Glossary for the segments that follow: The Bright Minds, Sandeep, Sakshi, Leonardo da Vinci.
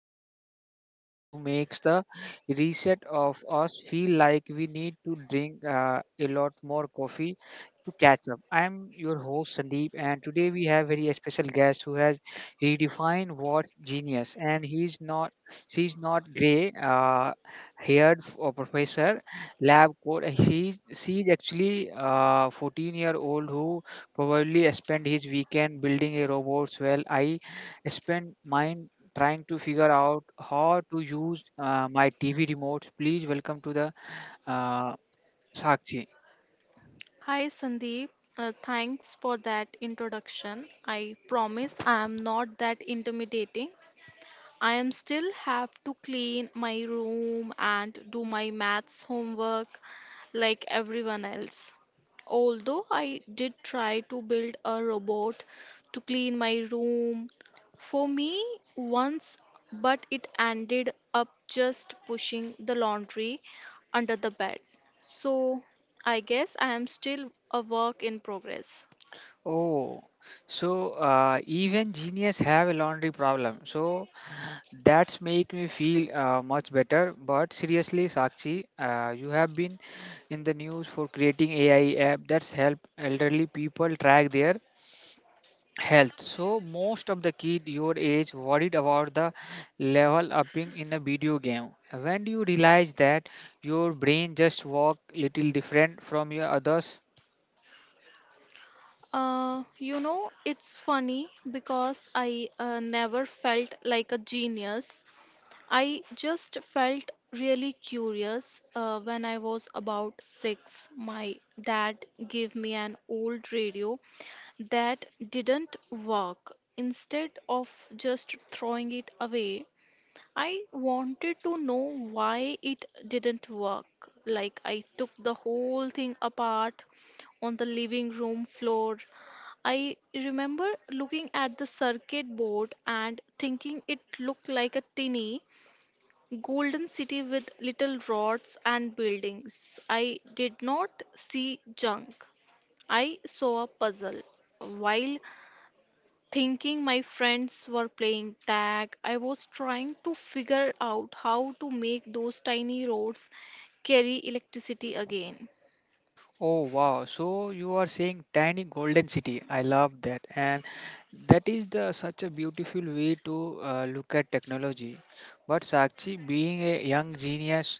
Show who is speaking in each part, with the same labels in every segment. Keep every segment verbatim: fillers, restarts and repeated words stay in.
Speaker 1: talk about the people who makes the reset of us feel like we need to drink uh, a lot more coffee to catch up. I am your host Sandeep, and today we have very special guest who has redefined what's genius, and he's not she's not gray uh, haired f- uh, professor lab coat. She she's actually uh, fourteen year old who probably spent his weekend building a robot while I spent mine trying to figure out how to use uh, my T V remote. Please welcome to the uh, Sakshi.
Speaker 2: Hi Sandeep, uh, thanks for that introduction. I promise I am not that intimidating. I am still have to clean my room and do my maths homework like everyone else. Although I did try to build a robot to clean my room for me once, but it ended up just pushing the laundry under the bed. So I guess I am still a work in progress.
Speaker 1: Oh, so uh, even genius have a laundry problem. So that's make me feel uh, much better. But seriously, Sakshi, uh, you have been in the news for creating A I app that's help elderly people track their health, so most of the kid your age worried about the level upping in a video game. When do you realize that your brain just work little different from your others?
Speaker 2: Uh, you know, it's funny because I uh, never felt like a genius. I just felt really curious. Uh, when I was about six, my dad gave me an old radio that didn't work. Instead of just throwing it away, I wanted to know why it didn't work. Like, I took the whole thing apart on the living room floor. I remember looking at the circuit board and thinking it looked like a tiny golden city with little rods and buildings. I did not see junk. I saw a puzzle. While thinking my friends were playing tag, I was trying to figure out how to make those tiny roads carry electricity again.
Speaker 1: Oh wow! So you are saying tiny golden city. I love that, and that is the such a beautiful way to uh, look at technology. But Sakshi, being a young genius,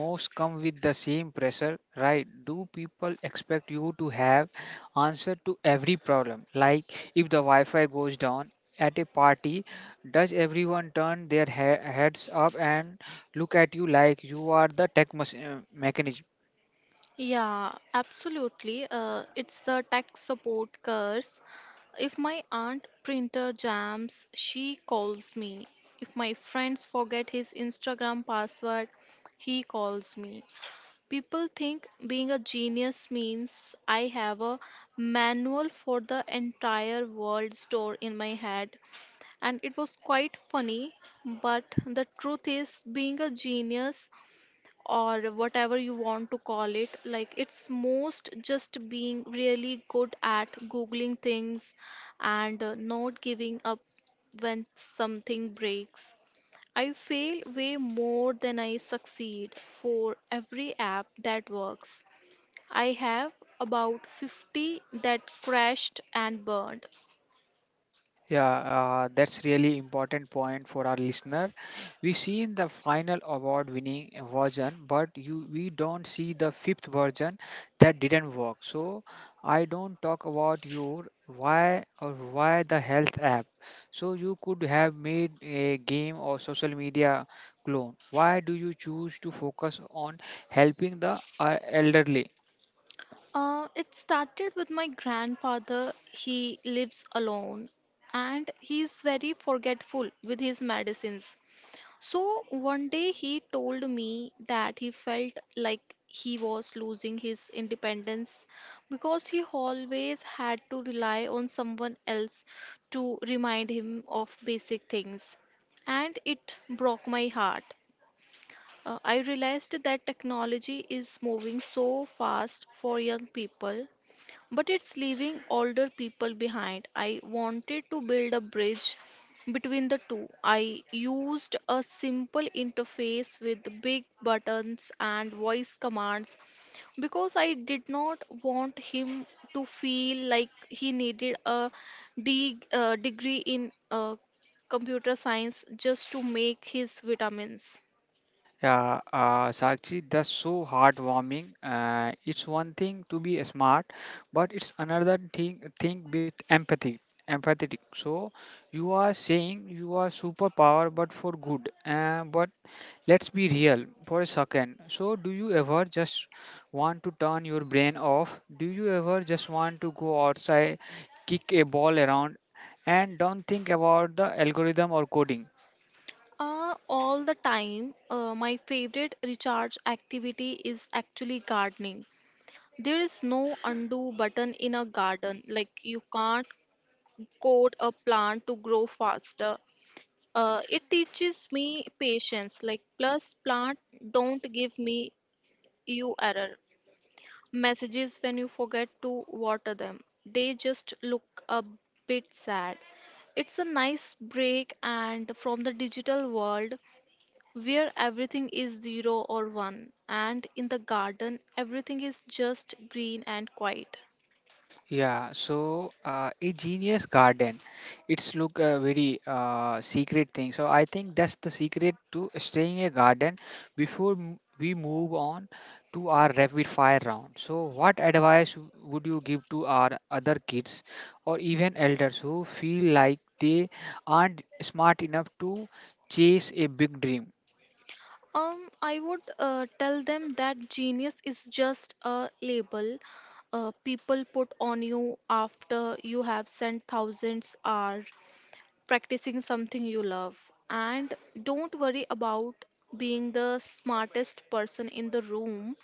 Speaker 1: most come with the same pressure, right? Do people expect you to have answer to every problem? Like if the Wi-Fi goes down at a party, does everyone turn their he- heads up and look at you like you are the tech machine mechanism?
Speaker 2: Yeah, absolutely. Uh, it's the tech support curse. If my aunt printer jams, she calls me. If my friends forget his Instagram password, he calls me. People think being a genius means I have a manual for the entire world stored in my head, and it was quite funny. But the truth is, being a genius or whatever you want to call it, like it's most just being really good at googling things and uh, not giving up when something breaks. I fail way more than I succeed for every app that works. I have about fifty that crashed and burned.
Speaker 1: Yeah, uh, that's really important point for our listener. We see in the final award-winning version, but you we don't see the fifth version that didn't work. So I don't talk about your why, or why the health app. So you could have made a game or social media clone. Why do you choose to focus on helping the uh, elderly?
Speaker 2: Uh, it started with my grandfather. He lives alone and he's very forgetful with his medicines. So one day he told me that he felt like he was losing his independence because he always had to rely on someone else to remind him of basic things. And it broke my heart. Uh, I realized that technology is moving so fast for young people but it's leaving older people behind. I wanted to build a bridge between the two. I used a simple interface with big buttons and voice commands because I did not want him to feel like he needed a de- uh, degree in uh, computer science just to make his vitamins.
Speaker 1: Yeah, uh, Sakshi, that's so heartwarming. Uh, it's one thing to be smart, but it's another thing thing with empathy, empathetic. So you are saying you are superpower, but for good. Uh, but let's be real for a second. So do you ever just want to turn your brain off? Do you ever just want to go outside, kick a ball around, and don't think about the algorithm or coding?
Speaker 2: Uh, all the time, uh, my favorite recharge activity is actually gardening. There is no undo button in a garden. Like you can't code a plant to grow faster. Uh, it teaches me patience. Like plus plant don't give me you error messages when you forget to water them. They just look a bit sad. It's a nice break and from the digital world where everything is zero or one, and in the garden everything is just green and quiet.
Speaker 1: Yeah, so uh, a genius garden, it's look uh, very uh, secret thing. So I think that's the secret to staying a garden. Before m- we move on to our rapid fire round, so what advice w- would you give to our other kids or even elders who feel like they aren't smart enough to chase a big dream?
Speaker 2: Um, I would uh, tell them that genius is just a label uh, people put on you after you have spent thousands hours practicing something you love. And don't worry about being the smartest person in the room.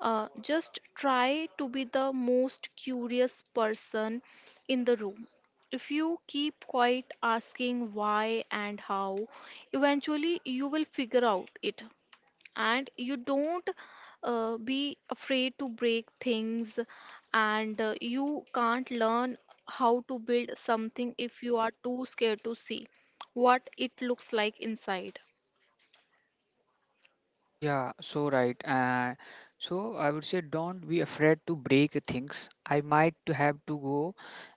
Speaker 2: Uh, just try to be the most curious person in the room. If you keep quiet asking why and how, eventually you will figure out it, and you don't uh, be afraid to break things and uh, you can't learn how to build something if you are too scared to see what it looks like inside.
Speaker 1: Yeah, so right. And so I would say don't be afraid to break things. I might to have to go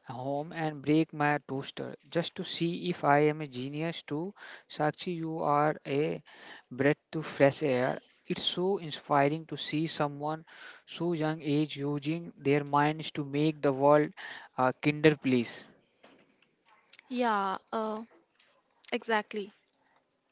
Speaker 1: home and break my toaster just to see if I am a genius too. Sakshi, you are a breath to fresh air. It's so inspiring to see someone so young age using their minds to make the world a kinder place.
Speaker 2: Yeah, uh, exactly.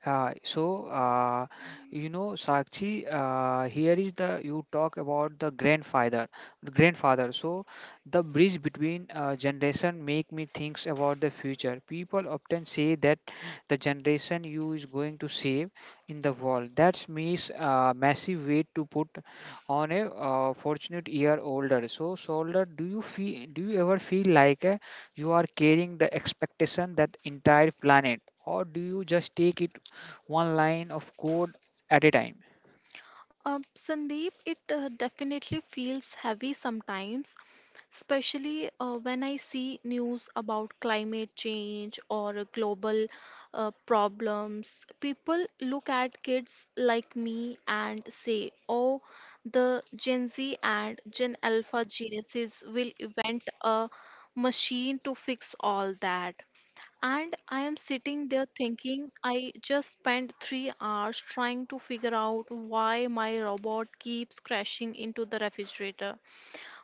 Speaker 1: Uh, so, uh, you know, Sakshi, uh, here is the you talk about the grandfather, grandfather. So, the bridge between uh, generation make me thinks about the future. People often say that the generation you is going to save in the world. That's means uh, massive weight to put on a uh, fortunate year older. So, soldier, do you feel? Do you ever feel like uh, you are carrying the expectation that entire planet? Or do you just take it one line of code at a time.
Speaker 2: Uh, Sandeep, it uh, definitely feels heavy sometimes, especially uh, when I see news about climate change or global uh, problems. People look at kids like me and say, oh, the Gen Z and Gen Alpha geniuses will invent a machine to fix all that. And I am sitting there thinking, I just spent three hours trying to figure out why my robot keeps crashing into the refrigerator.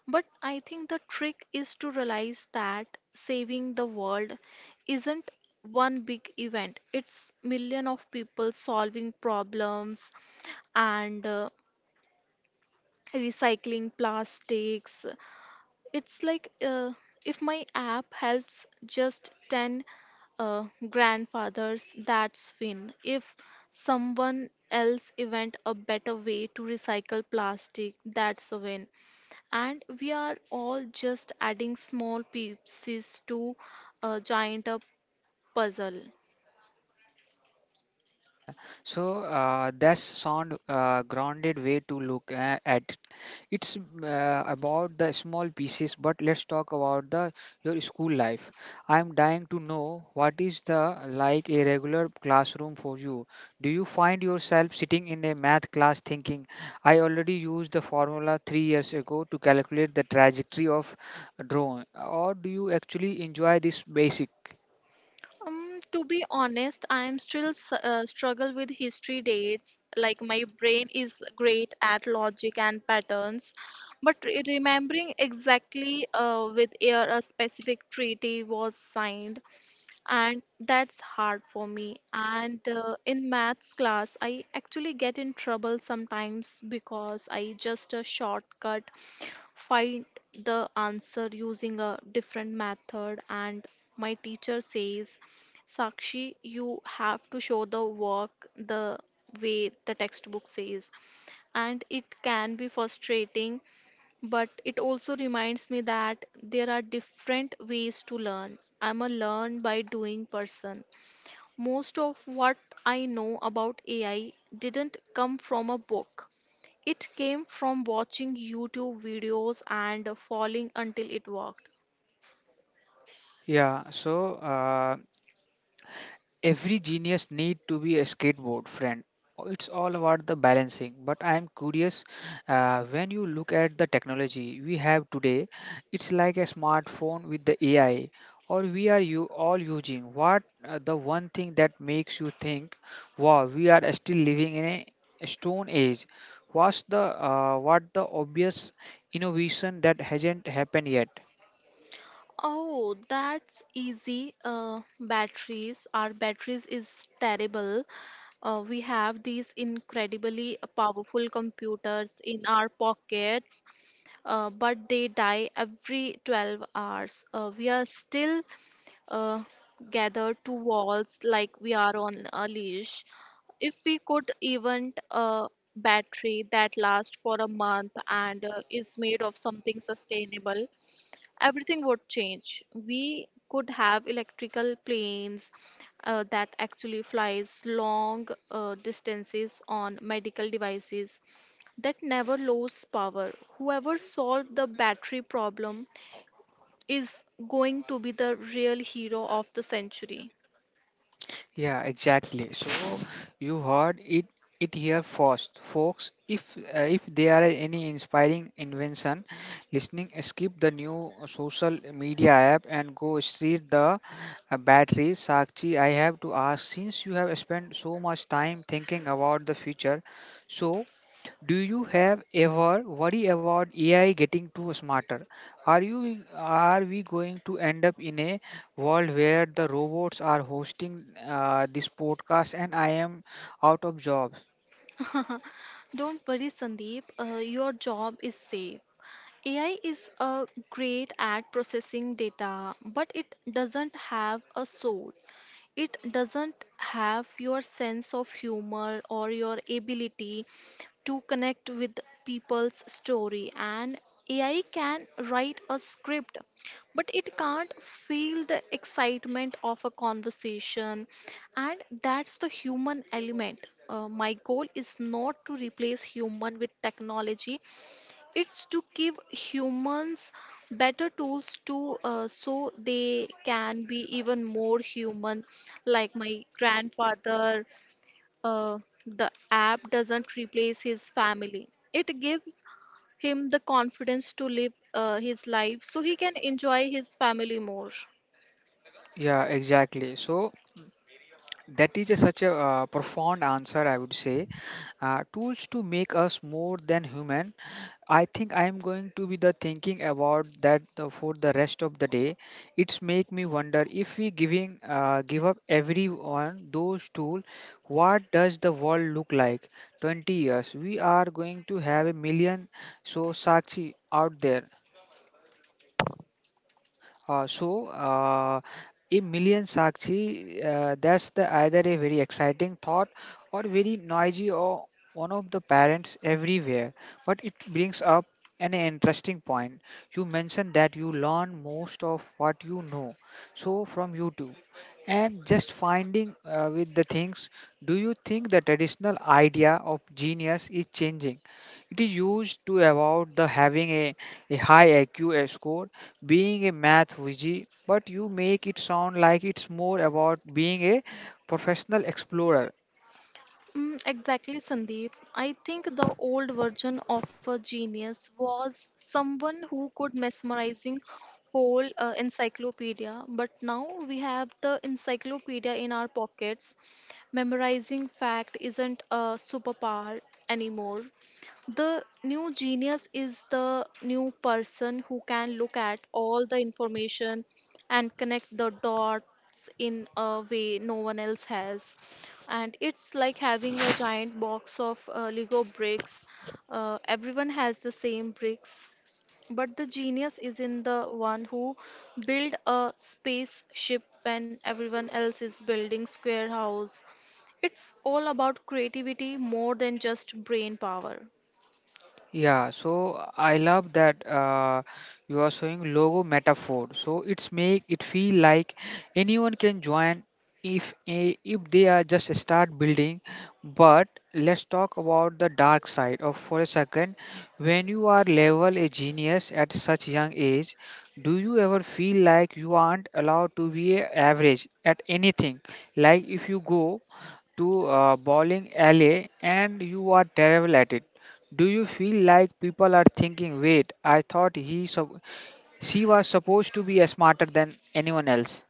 Speaker 2: But I think the trick is to realize that saving the world isn't one big event, it's million of people solving problems and, uh, recycling plastics. It's like uh, if my app helps just ten uh, grandfathers, that's win. If someone else invent a better way to recycle plastic, that's a win. And we are all just adding small pieces to a giant uh, puzzle.
Speaker 1: So the so uh, that's sound uh, grounded way to look a- at. It's uh, about the small pieces, but let's talk about the your school life. I'm dying to know what is the like a regular classroom for you. Do you find yourself sitting in a math class thinking, I already used the formula three years ago to calculate the trajectory of a drone, or do you actually enjoy this basic?
Speaker 2: Um, to be honest, I'm still s- uh, struggle with history dates. Like my brain is great at logic and patterns, but re- remembering exactly uh, with year a specific treaty was signed, and that's hard for me. And uh, in maths class, I actually get in trouble sometimes because I just a shortcut find the answer using a different method, and my teacher says, Sakshi, you have to show the work the way the textbook says. And it can be frustrating, but it also reminds me that there are different ways to learn. I'm a learn by doing person. Most of what I know about A I didn't come from a book. It came from watching YouTube videos and falling until it worked.
Speaker 1: Yeah, so uh, every genius need to be a skateboard friend. It's all about the balancing. But I am curious, uh, when you look at the technology we have today, it's like a smartphone with the A I, or we are you all using. What uh, the one thing that makes you think, wow, we are still living in a a stone age? What's the uh, what the obvious innovation that hasn't happened yet?
Speaker 2: Oh, that's easy. Uh, batteries. Our batteries is terrible. Uh, we have these incredibly powerful computers in our pockets, uh, but they die every twelve hours. Uh, we are still uh, gathered to walls like we are on a leash. If we could invent a battery that lasts for a month and uh, is made of something sustainable, everything would change. We could have electrical planes uh, that actually flies long uh, distances on medical devices that never lose power. Whoever solved the battery problem is going to be the real hero of the century.
Speaker 1: Yeah, exactly. So you heard it it here first, folks. If uh, if there are any inspiring invention, listening, skip the new social media app and go straight the uh, battery. Sakshi, I have to ask, since you have spent so much time thinking about the future, so do you have ever worry about A I getting too smarter? Are you are we going to end up in a world where the robots are hosting uh, this podcast and I am out of jobs?
Speaker 2: Don't worry, Sandeep. Uh, your job is safe. A I is uh, great at processing data, but it doesn't have a soul. It doesn't have your sense of humor or your ability to connect with people's story. And A I can write a script, but it can't feel the excitement of a conversation. And that's the human element. Uh, my goal is not to replace human with technology, it's to give humans better tools to uh, so they can be even more human. Like my grandfather, uh, the app doesn't replace his family. It gives him the confidence to live uh, his life so he can enjoy his family more.
Speaker 1: Yeah, exactly. So that is a, such a uh, profound answer, I would say. Uh, tools to make us more than human. I think I am going to be the thinking about that the, for the rest of the day. It's make me wonder if we giving uh, give up everyone those tool, what does the world look like? Twenty years, we are going to have a million so Sakshi out there. Uh, so, uh, a million Sakshi, uh, that's the either a very exciting thought or very noisy or one of the parents everywhere. But it brings up an interesting point. You mentioned that you learn most of what you know, so from YouTube. And just finding uh, with the things, do you think the traditional idea of genius is changing? It is used to about the having a, a high I Q score being a math wizzy, but you make it sound like it's more about being a professional explorer.
Speaker 2: Mm, exactly, Sandeep. I think the old version of a genius was someone who could mesmerizing whole uh, encyclopedia, but now we have the encyclopedia in our pockets. Memorizing fact isn't a superpower anymore. The new genius is the new person who can look at all the information and connect the dots in a way no one else has. And it's like having a giant box of uh, lego bricks. Uh, everyone has the same bricks, but the genius is in the one who build a spaceship when everyone else is building square house. It's all about creativity more than just brain power.
Speaker 1: Yeah, so I love that uh, you are showing logo metaphor. So it's make it feel like anyone can join if a- if they are just start building. But let's talk about the dark side of for a second. When you are level a genius at such young age, do you ever feel like you aren't allowed to be a average at anything? Like if you go to a bowling alley and you are terrible at it? Do you feel like people are thinking, wait, I thought he, sup- she was supposed to be smarter than anyone else?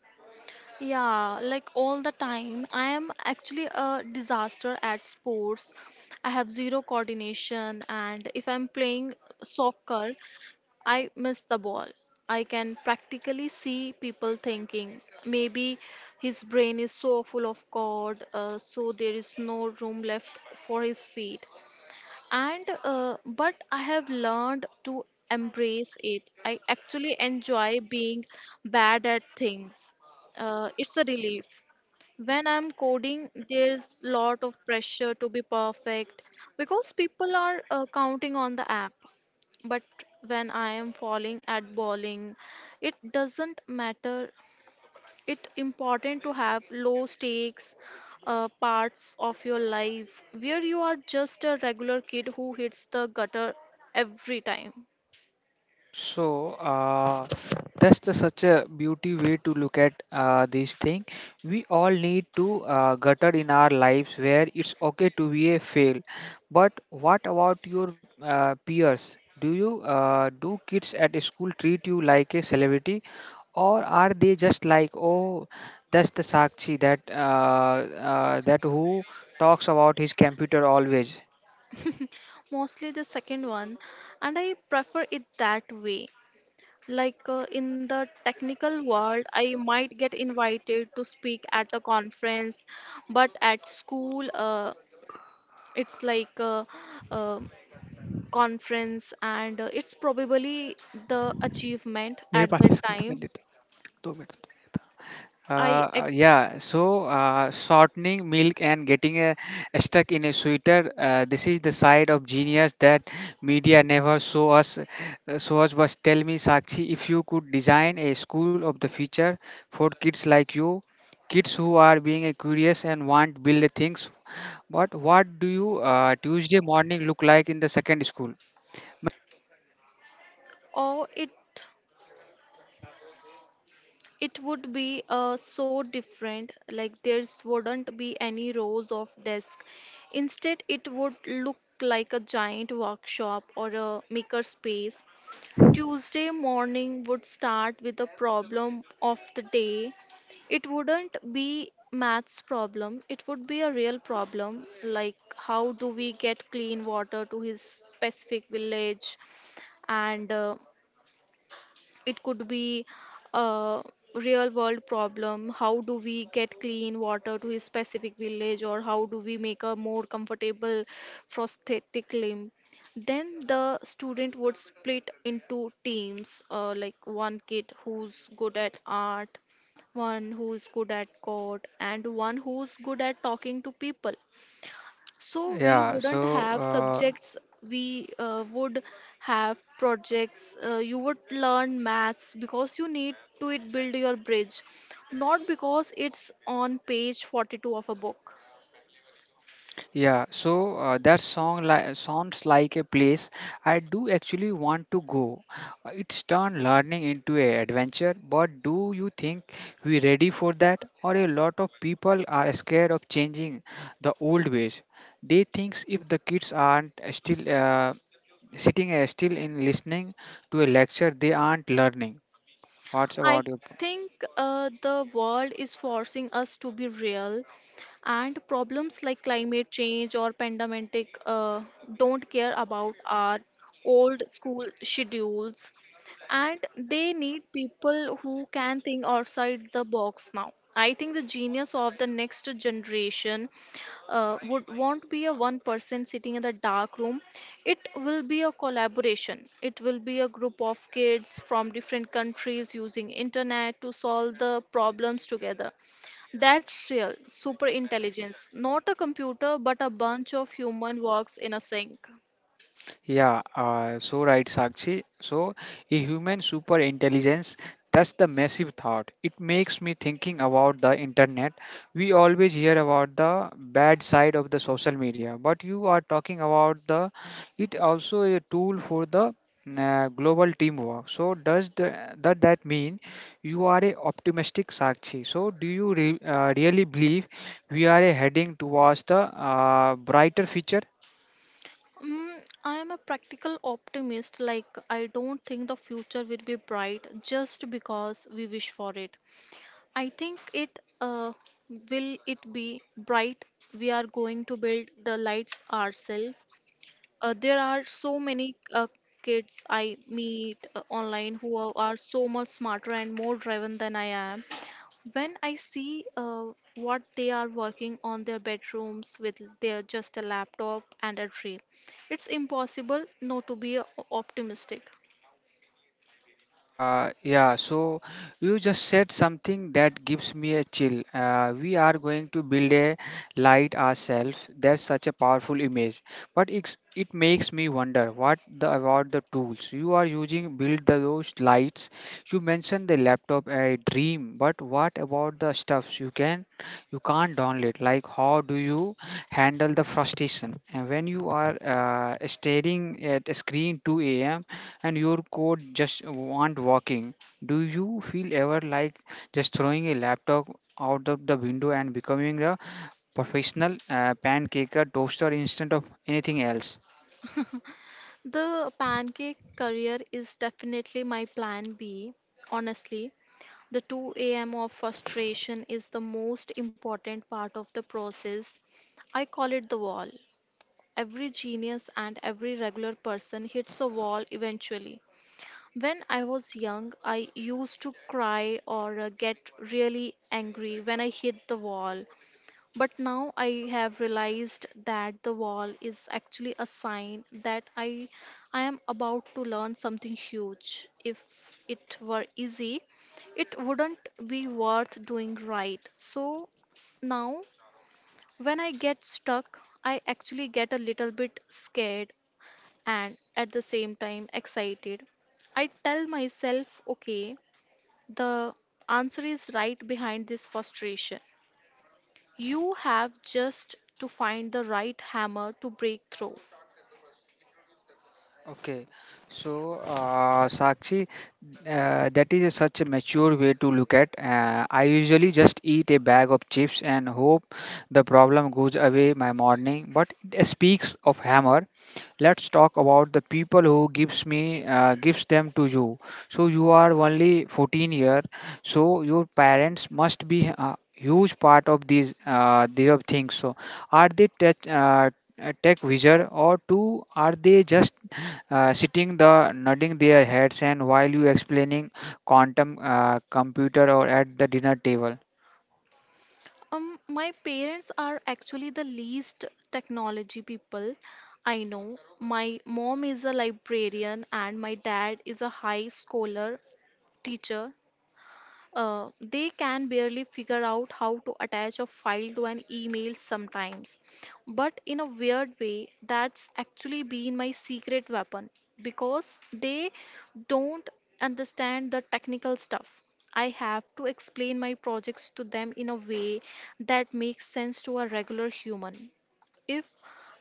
Speaker 2: Yeah, like all the time. I am actually a disaster at sports. I have zero coordination, and if I'm playing soccer, I missed the ball. I can practically see people thinking, maybe his brain is so full of God, uh, so there is no room left for his feet. And uh, but I have learned to embrace it. I actually enjoy being bad at things. Uh, it's a relief. When I'm coding, there's lot of pressure to be perfect because people are uh, counting on the app, but when I am falling at bowling, it doesn't matter. It important to have low stakes uh, parts of your life where you are just a regular kid who hits the gutter every time.
Speaker 1: So uh, that's the, such a beauty way to look at uh, this thing. We all need to uh, gutter in our lives where it's okay to be a fail. But what about your uh, peers? Do you uh, do kids at school treat you like a celebrity, or are they just like, oh, that's the Sakshi that uh, uh, that who talks about his computer always?
Speaker 2: Mostly the second one, and I prefer it that way. Like uh, in the technical world I might get invited to speak at a conference, but at school uh, it's like uh, uh, conference, and uh, it's probably the achievement at that time.
Speaker 1: Uh,
Speaker 2: i
Speaker 1: uh,
Speaker 2: ex-
Speaker 1: yeah, so uh, shortening milk and getting a, stuck in a sweater. Uh, this is the side of genius that media never show us. Uh, show us. But tell me, Sakshi, if you could design a school of the future for kids like you, kids who are being uh, curious and want build things. But what do you uh, Tuesday morning look like in the second school?
Speaker 2: or it it would be uh, so different. Like there's wouldn't be any rows of desk, instead it would look like a giant workshop or a maker space. Tuesday morning would start with a problem of the day. It wouldn't be maths problem, it would be a real problem like how do we get clean water to his specific village. And uh, it could be a real world problem, how do we get clean water to a specific village or how do we make a more comfortable prosthetic limb. Then the student would split into teams, uh, like one kid who's good at art, one who's good at code, and one who's good at talking to people. So we
Speaker 1: Yeah,
Speaker 2: wouldn't
Speaker 1: so.
Speaker 2: have
Speaker 1: Uh,
Speaker 2: subjects, we uh, would have projects. Uh, you would learn maths because you need to it build your bridge, not because it's on page forty-two of a book.
Speaker 1: Yeah, so uh, that song li- sounds like a place I do actually want to go. Uh, It's turned learning into an adventure, but do you think we're ready for that? Or a lot of people are scared of changing the old ways. They think if the kids aren't uh, still uh, sitting uh, still in listening to a lecture, they aren't learning. What's
Speaker 2: I
Speaker 1: about you?
Speaker 2: think uh, the world is forcing us to be real, and problems like climate change or pandemic uh, don't care about our old school schedules, and they need people who can think outside the box now. I think the genius of the next generation uh, would won't be a one person sitting in the dark room. It will be a collaboration. It will be a group of kids from different countries using internet to solve the problems together. That's real super intelligence, not a computer but a bunch of human works in a sink.
Speaker 1: Yeah, uh, so right, Sakshi. So, a human super intelligence, that's the massive thought. It makes me thinking about the internet. We always hear about the bad side of the social media, but you are talking about the it also a tool for the mm, uh, global teamwork. So, does the, that that mean you are a optimistic Sakshi? So, do you re, uh, really believe we are heading towards the uh, brighter future?
Speaker 2: Mm, I am a practical optimist. Like, I don't think the future will be bright just because we wish for it. I think it uh, will it be bright. We are going to build the lights ourselves. Uh, there are so many uh, kids I meet uh, online who are, are so much smarter and more driven than I am. When I see uh, what they are working on their bedrooms with their just a laptop and a dream, it's impossible not to be uh, optimistic.
Speaker 1: Uh, yeah, so you just said something that gives me a chill. Uh, we are going to build a light ourselves. That's such a powerful image. But it's, it makes me wonder what the about the tools you are using build the, those lights. You mentioned the laptop a dream, but what about the stuffs you can? you can't download it. Like how do you handle the frustration and when you are uh, staring at a screen two a.m and your code just want working? Do you feel ever like just throwing a laptop out of the window and becoming a professional uh, pancaker toaster instead of anything else?
Speaker 2: The pancake career is definitely my plan B. Honestly, the two a m of frustration is the most important part of the process. I call it the wall. Every genius and every regular person hits a wall eventually. When I was young, I used to cry or uh, get really angry when I hit the wall. But now I have realized that the wall is actually a sign that I I am about to learn something huge. If it were easy, it wouldn't be worth doing, right? So now when I get stuck, I actually get a little bit scared and at the same time excited. I tell myself, okay, the answer is right behind this frustration. You have just to find the right hammer to break through.
Speaker 1: Okay, so uh, Sakshi, uh, that is a, such a mature way to look at. Uh, I usually just eat a bag of chips and hope the problem goes away my morning. But it speaks of hammer. Let's talk about the people who gives me uh, gives them to you. So you are only fourteen year, so your parents must be a huge part of these uh, these of things. So are they tech, uh, tech wizard or two? Are they just uh, sitting the nodding their heads and while you explaining quantum uh, computer or at the dinner table?
Speaker 2: Um, my parents are actually the least technology people I know. My mom is a librarian and my dad is a high scholar teacher. Uh, they can barely figure out how to attach a file to an email sometimes. But in a weird way, that's actually been my secret weapon because they don't understand the technical stuff. I have to explain my projects to them in a way that makes sense to a regular human. If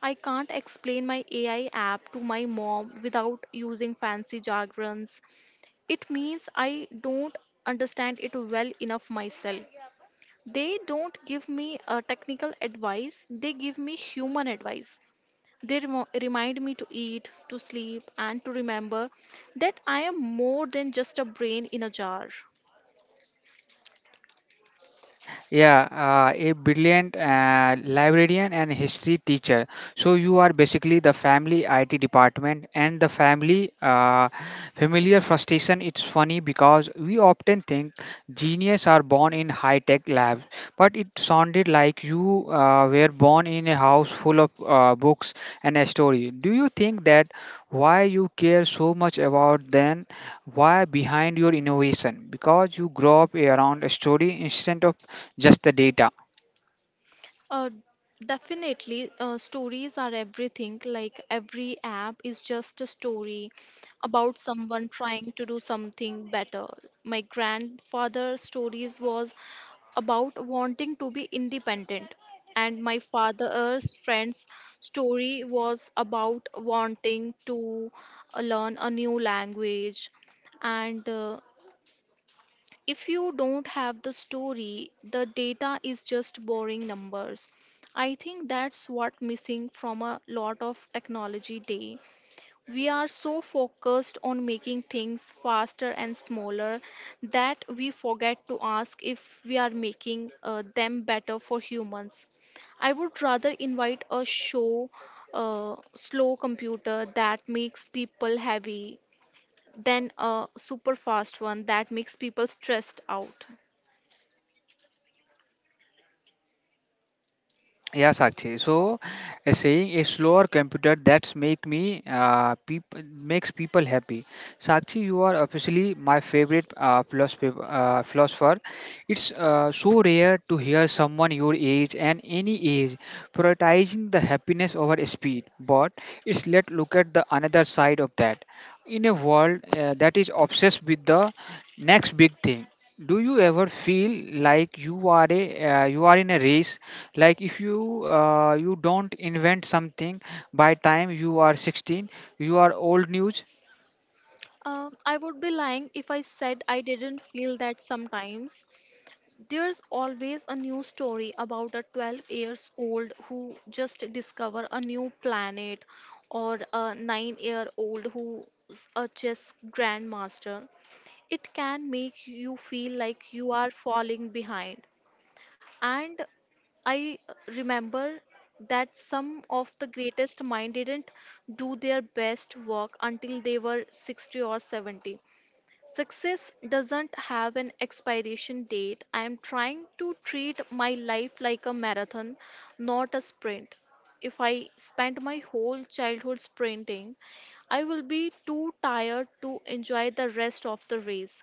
Speaker 2: I can't explain my A I app to my mom without using fancy jargons, it means I don't understand it well enough myself. They don't give me uh, technical advice, they give me human advice. They remo- remind me to eat, to sleep, and to remember that I am more than just a brain in a jar.
Speaker 1: Yeah, uh, a brilliant uh, librarian and history teacher. So you are basically the family I T department and the family uh, familiar frustration. It's funny because we often think genius are born in high tech labs, but it sounded like you uh, were born in a house full of uh, books and a story. Do you think that why you care so much about then why behind your innovation? Because you grow up around a story instead of just the data.
Speaker 2: Uh, Definitely, uh, stories are everything. Like, every app is just a story about someone trying to do something better. My grandfather's stories was about wanting to be independent. And my father's friend's story was about wanting to uh, learn a new language. And uh, if you don't have the story, the data is just boring numbers. I think that's what missing from a lot of technology day. We are so focused on making things faster and smaller that we forget to ask if we are making uh, them better for humans. I would rather invite a show, uh, slow computer that makes people heavy than a super fast one that makes people stressed out.
Speaker 1: Yeah, Sakshi, so uh, saying a slower computer that's make me uh, peop- makes people happy. Sakshi, you are officially my favorite uh, philosopher, uh, philosopher. It's uh, so rare to hear someone your age and any age prioritizing the happiness over speed, but it's let look at the another side of that. In a world uh, that is obsessed with the next big thing, do you ever feel like you are a uh, you are in a race, like if you uh, you don't invent something by time you are sixteen, you are old news?
Speaker 2: Um, I would be lying if I said I didn't feel that sometimes. There's always a new story about a twelve years old who just discover a new planet or a nine year old who's a chess grandmaster. It can make you feel like you are falling behind. And I remember that some of the greatest minds didn't do their best work until they were sixty or seventy. Success doesn't have an expiration date. I am trying to treat my life like a marathon, not a sprint. If I spend my whole childhood sprinting, I will be too tired to enjoy the rest of the race.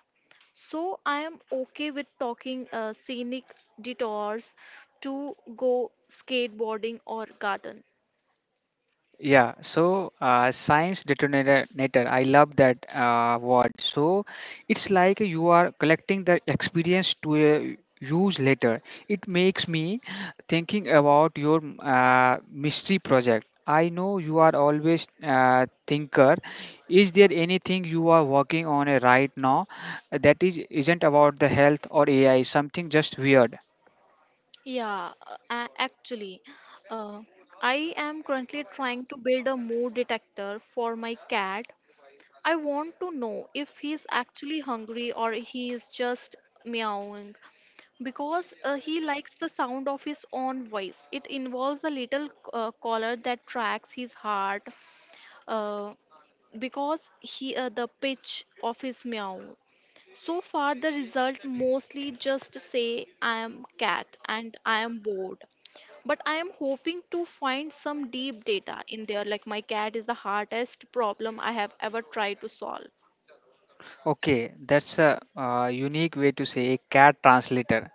Speaker 2: So I am okay with talking uh, scenic detours to go skateboarding or garden.
Speaker 1: Yeah, so uh, science detonator, nator, I love that uh, word. So it's like you are collecting the experience to uh, use later. It makes me thinking about your uh, mystery project. I know you are always uh, thinker. Is there anything you are working on uh, right now that is isn't about the health or A I? Something just weird.
Speaker 2: Yeah, uh, a- actually, uh, I am currently trying to build a mood detector for my cat. I want to know if he's actually hungry or he is just meowing because uh, he likes the sound of his own voice. It involves a little uh, collar that tracks his heart uh, because he uh, the pitch of his meow. So far, the result mostly just say I am cat and I am bored. But I am hoping to find some deep data in there, like my cat is the hardest problem I have ever tried to solve.
Speaker 1: Okay, that's a uh, unique way to say cat translator.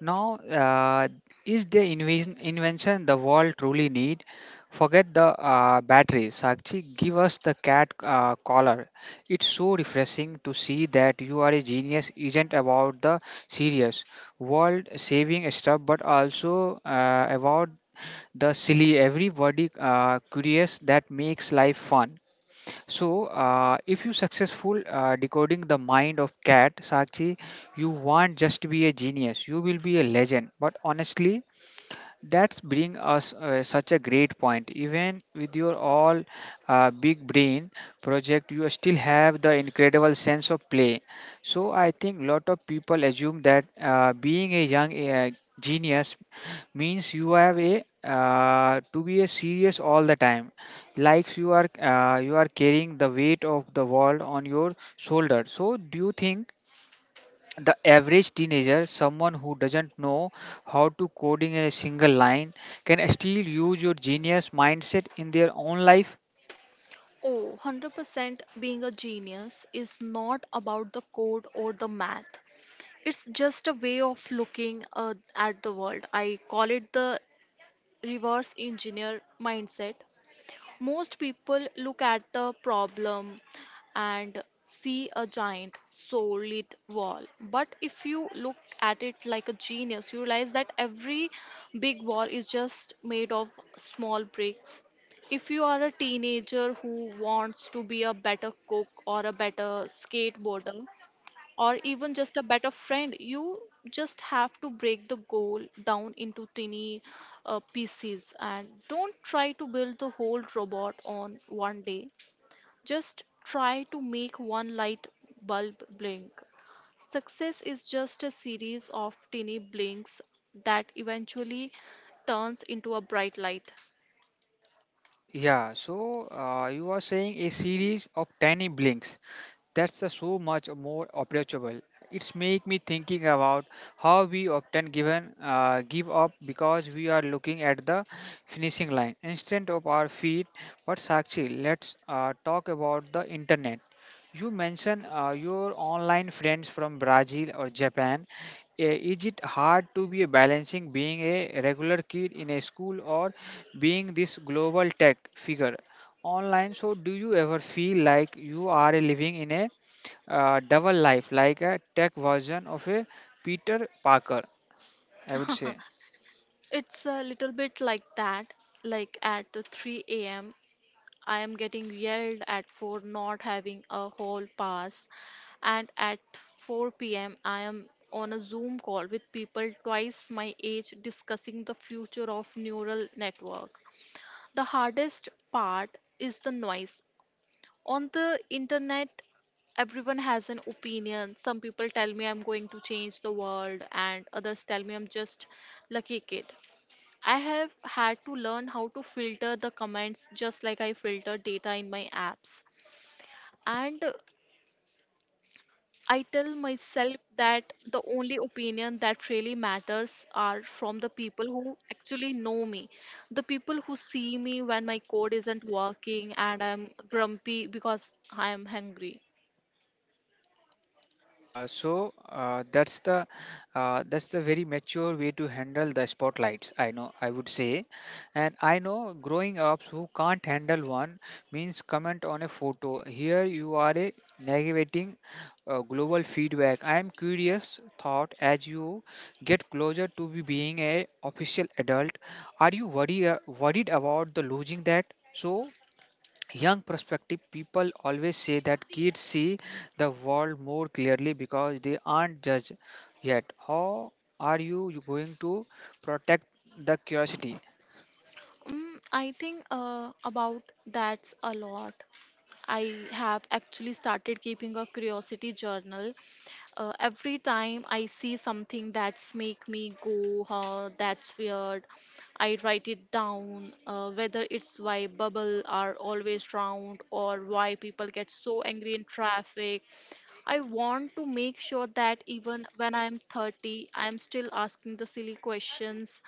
Speaker 1: Now, uh, is the inven- invention the world truly need? Forget the uh, batteries. Sakshi, give us the cat uh, collar. It's so refreshing to see that you are a genius isn't about the serious world-saving stuff, but also uh, about the silly, everybody uh, curious that makes life fun. So, uh, if you successful uh, decoding the mind of cat Sakshi, you won't just be a genius; you will be a legend. But honestly, that's bring us uh, such a great point. Even with your all uh, big brain project, you still have the incredible sense of play. So I think lot of people assume that uh, being a young uh, genius means you have a uh, to be a serious all the time, like you are uh, you are carrying the weight of the world on your shoulder. So do you think the average teenager, someone who doesn't know how to coding in a single line, can still use your genius mindset in their own life?
Speaker 2: Oh, one hundred percent being a genius is not about the code or the math. It's just a way of looking uh, at the world. I call it the reverse engineer mindset. Most people look at the problem and see a giant solid wall. But if you look at it like a genius, you realize that every big wall is just made of small bricks. If you are a teenager who wants to be a better cook or a better skateboarder, or even just a better friend, you just have to break the goal down into tiny uh, pieces, and don't try to build the whole robot on one day. Just try to make one light bulb blink. Success is just a series of tiny blinks that eventually turns into a bright light.
Speaker 1: Uh, yeah, so uh, you are saying a series of tiny blinks. That's a so much more approachable. It's make me thinking about how we often given uh, give up because we are looking at the finishing line instead of our feet. But Sakshi, let's uh, talk about the internet. You mentioned uh, your online friends from Brazil or Japan. Eh, is it hard to be balancing being a regular kid in a school or being this global tech figure online? So, do you ever feel like you are living in a uh, double life, like a tech version of a Peter Parker? I would say.
Speaker 2: It's a little bit like that. Like, at three a.m. I am getting yelled at for not having a hall pass, and at four p m, I am on a Zoom call with people twice my age discussing the future of neural network. The hardest part is the noise. On the internet, everyone has an opinion. Some people tell me I'm going to change the world, and others tell me I'm just lucky kid. I have had to learn how to filter the comments just like I filter data in my apps. And I tell myself that the only opinion that really matters are from the people who actually know me. The people who see me when my code isn't working and I'm grumpy because I am hungry.
Speaker 1: Uh, so uh, that's the uh, that's the very mature way to handle the spotlights. I know I would say, and I know growing ups who can't handle one means comment on a photo. Here you are a navigating uh, global feedback. I am curious thought as you get closer to be being a official adult. Are you worry uh, worried about the losing that? So young perspective people always say that kids see the world more clearly because they aren't judged yet. How are you you going to protect the curiosity?
Speaker 2: Mm, I think uh, about that's a lot. I have actually started keeping a curiosity journal. Uh, every time I see something that's make me go huh, that's weird, I write it down, uh, whether it's why bubble are always round or why people get so angry in traffic. I want to make sure that even when I'm thirty I'm still asking the silly questions.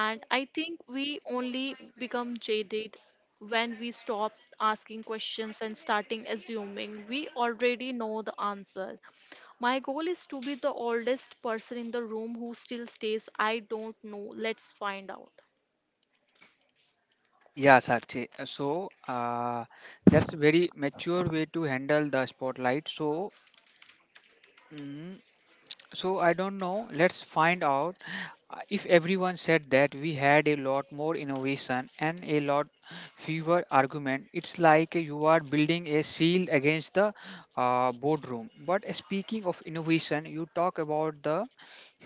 Speaker 2: And I think we only become jaded when we stop asking questions and starting assuming we already know the answer. My goal is to be the oldest person in the room who still stays, I don't know, let's find out.
Speaker 1: Yeah, Sakshi, so uh, that's a very mature way to handle the spotlight. So mm, so I don't know. Let's find out. Uh, If everyone said that we had a lot more innovation and a lot fewer argument, it's like you are building a shield against the uh, boardroom. But speaking of innovation, you talk about the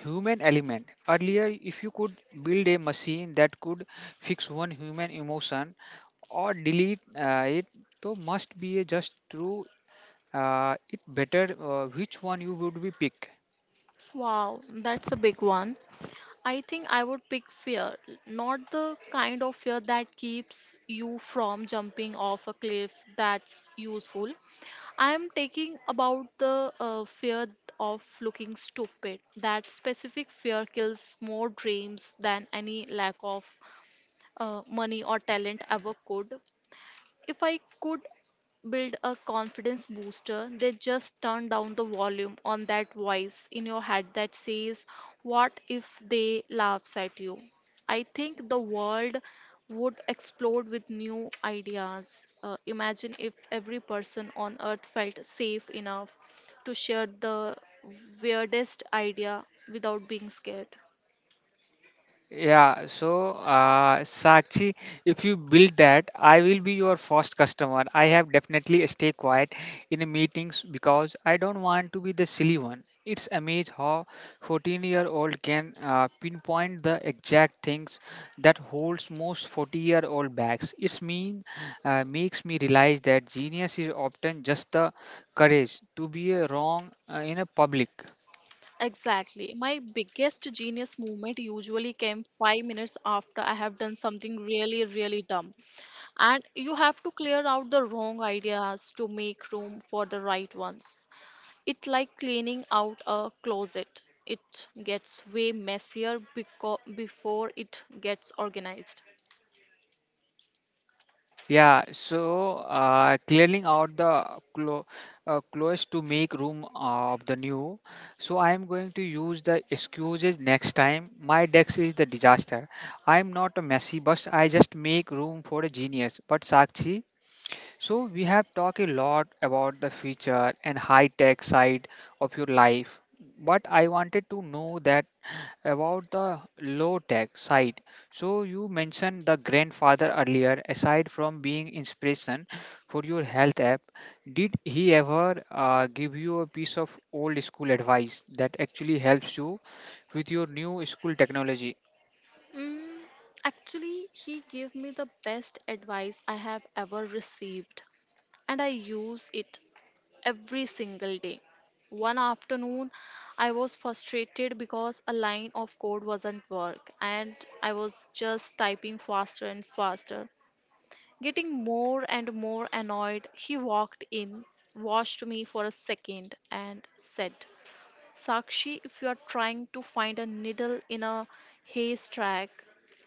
Speaker 1: human element. Earlier, if you could build a machine that could fix one human emotion or delete uh, it, so must be a just true. Uh, it better uh, which one you would be pick.
Speaker 2: Wow, that's a big one. I think I would pick fear, not the kind of fear that keeps you from jumping off a cliff, that's useful. I am taking about the uh, fear of looking stupid. That specific fear kills more dreams than any lack of uh, money or talent ever could. If I could build a confidence booster, they just turn down the volume on that voice in your head that says, what if they laughs at you? I think the world would explode with new ideas. Uh, imagine if every person on earth felt safe enough to share the weirdest idea without being scared.
Speaker 1: Pula- Yeah, so uh, Sakshi, if you build that, I will be your first customer. I have definitely stay quiet in meetings because I don't want to be the silly one. It's amazing how fourteen-year-old can uh, pinpoint the exact things that holds most forty-year-old backs. It's mean uh, makes me realize that genius is often just the courage to be uh, wrong uh, in a public.
Speaker 2: Exactly. My biggest genius moment usually came five minutes after I have done something really, really dumb. And you have to clear out the wrong ideas to make room for the right ones. It's like cleaning out a closet. It gets way messier beco- before it gets organized.
Speaker 1: Yeah, so uh, clearing out the clo- uh, clothes to make room uh, of the new. So I am going to use the excuses next time. My desk is the disaster. I am not a messy bus. I just make room for a genius. But Sakshi, so we have talked a lot about the future and high-tech side of your life. But I wanted to know that about the low-tech side. So you mentioned the grandfather earlier. Aside from being inspiration for your health app, did he ever uh, give you a piece of old school advice that actually helps you with your new school technology?
Speaker 2: Mm, actually, he gave me the best advice I have ever received, and I use it every single day. One afternoon, I was frustrated because a line of code wasn't work and I was just typing faster and faster. Getting more and more annoyed, he walked in, watched me for a second, and said, Sakshi, if you are trying to find a needle in a haystack,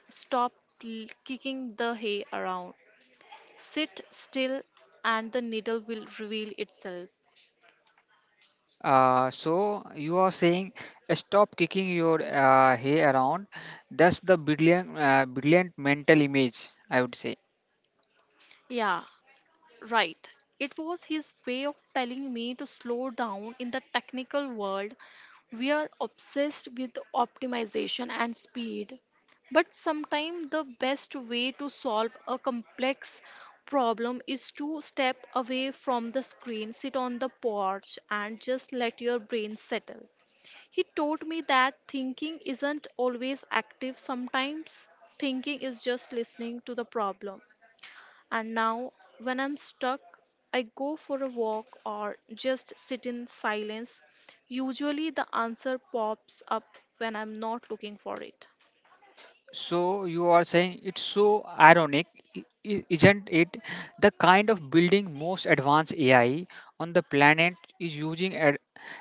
Speaker 2: stop l- kicking the hay around. Sit still and the needle will reveal itself.
Speaker 1: Uh, so you are saying uh, stop kicking your uh, hair around. That's the brilliant, uh, brilliant mental image, I would say.
Speaker 2: Yeah, right. It was his way of telling me to slow down. In the technical world, we are obsessed with optimization and speed. But sometimes the best way to solve a complex problem is to step away from the screen, sit on the porch, and just let your brain settle. He taught me that thinking isn't always active, sometimes thinking is just listening to the problem. And now, when I'm stuck, I go for a walk or just sit in silence. Usually, the answer pops up when I'm not looking for it.
Speaker 1: So you are saying it's so ironic, i- i- isn't it? The kind of building most advanced A I on the planet is using ad-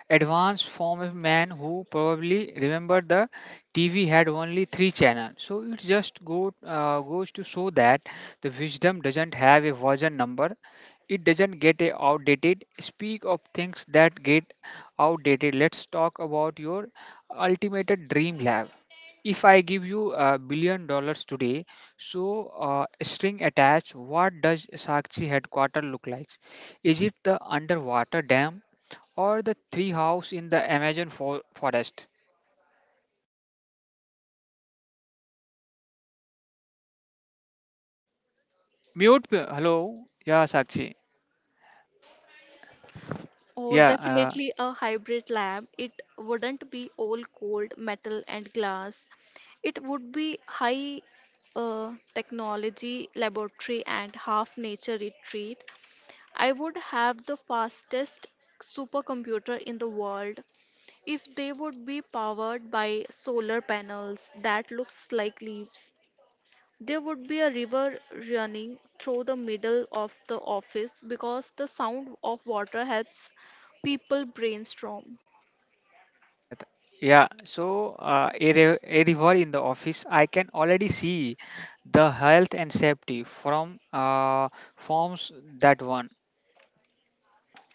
Speaker 1: advanced form of man who probably remember the T V had only three channels. So it just go uh, goes to show that the wisdom doesn't have a version number. It doesn't get a outdated. Speak of things that get outdated. Let's talk about your ultimate dream lab. If I give you a billion dollars today, so uh, string attached, what does Sakshi headquarter look like? Is it the underwater dam or the tree house in the Amazon for- forest? Mute. pe- Hello. Yeah, Sakshi.
Speaker 2: Or
Speaker 1: Yeah. Uh,
Speaker 2: definitely a hybrid lab. It wouldn't be all cold metal and glass. It would be high uh, technology laboratory and half nature retreat. I would have the fastest supercomputer in the world if they would be powered by solar panels that looks like leaves. There would be a river running through the middle of the office because the sound of water helps people brainstorm.
Speaker 1: दिख गया था. Yeah. So uh, a, re- a river in the office. I can already see the health and safety from uh, forms that one.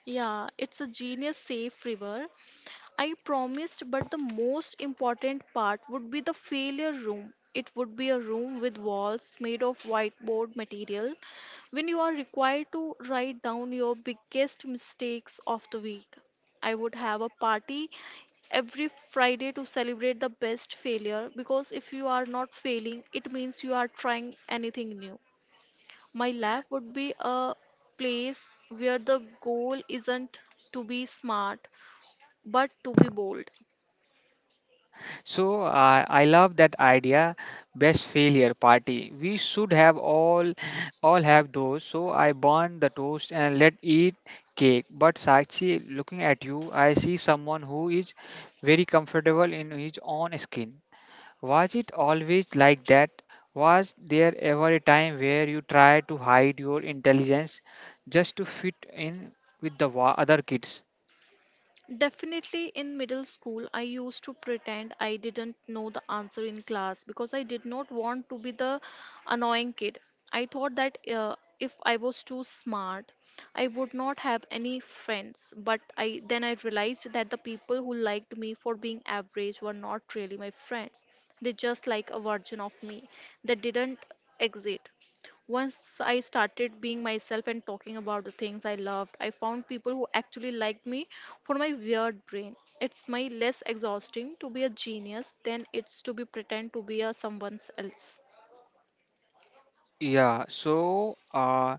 Speaker 2: Yeah, it's a genius safe river I promised, but the most important part would be the failure room. It would be a room with walls made of whiteboard material when you are required to write down your biggest mistakes of the week. I would have a party every Friday to celebrate the best failure because if you are not failing, it means you are trying anything new. My lab would be a place where the goal isn't to be smart but to be bold.
Speaker 1: So uh, I love that idea, best failure party. We should have all all have those. So I burn the toast and let eat cake. But Sakshi, looking at you, I see someone who is very comfortable in his own skin. Was it always like that? Was there ever a time where you tried to hide your intelligence just to fit in with the wa- other kids?
Speaker 2: Definitely in middle school, I used to pretend I didn't know the answer in class because I did not want to be the annoying kid. I thought that uh, if I was too smart, I would not have any friends. But I then I realized that the people who liked me for being average were not really my friends. They just like a version of me that didn't exist. Once I started being myself and talking about the things I loved, I found people who actually liked me for my weird brain. It's my less exhausting to be a genius than it's to be pretend to be a someone else.
Speaker 1: Yeah, so uh,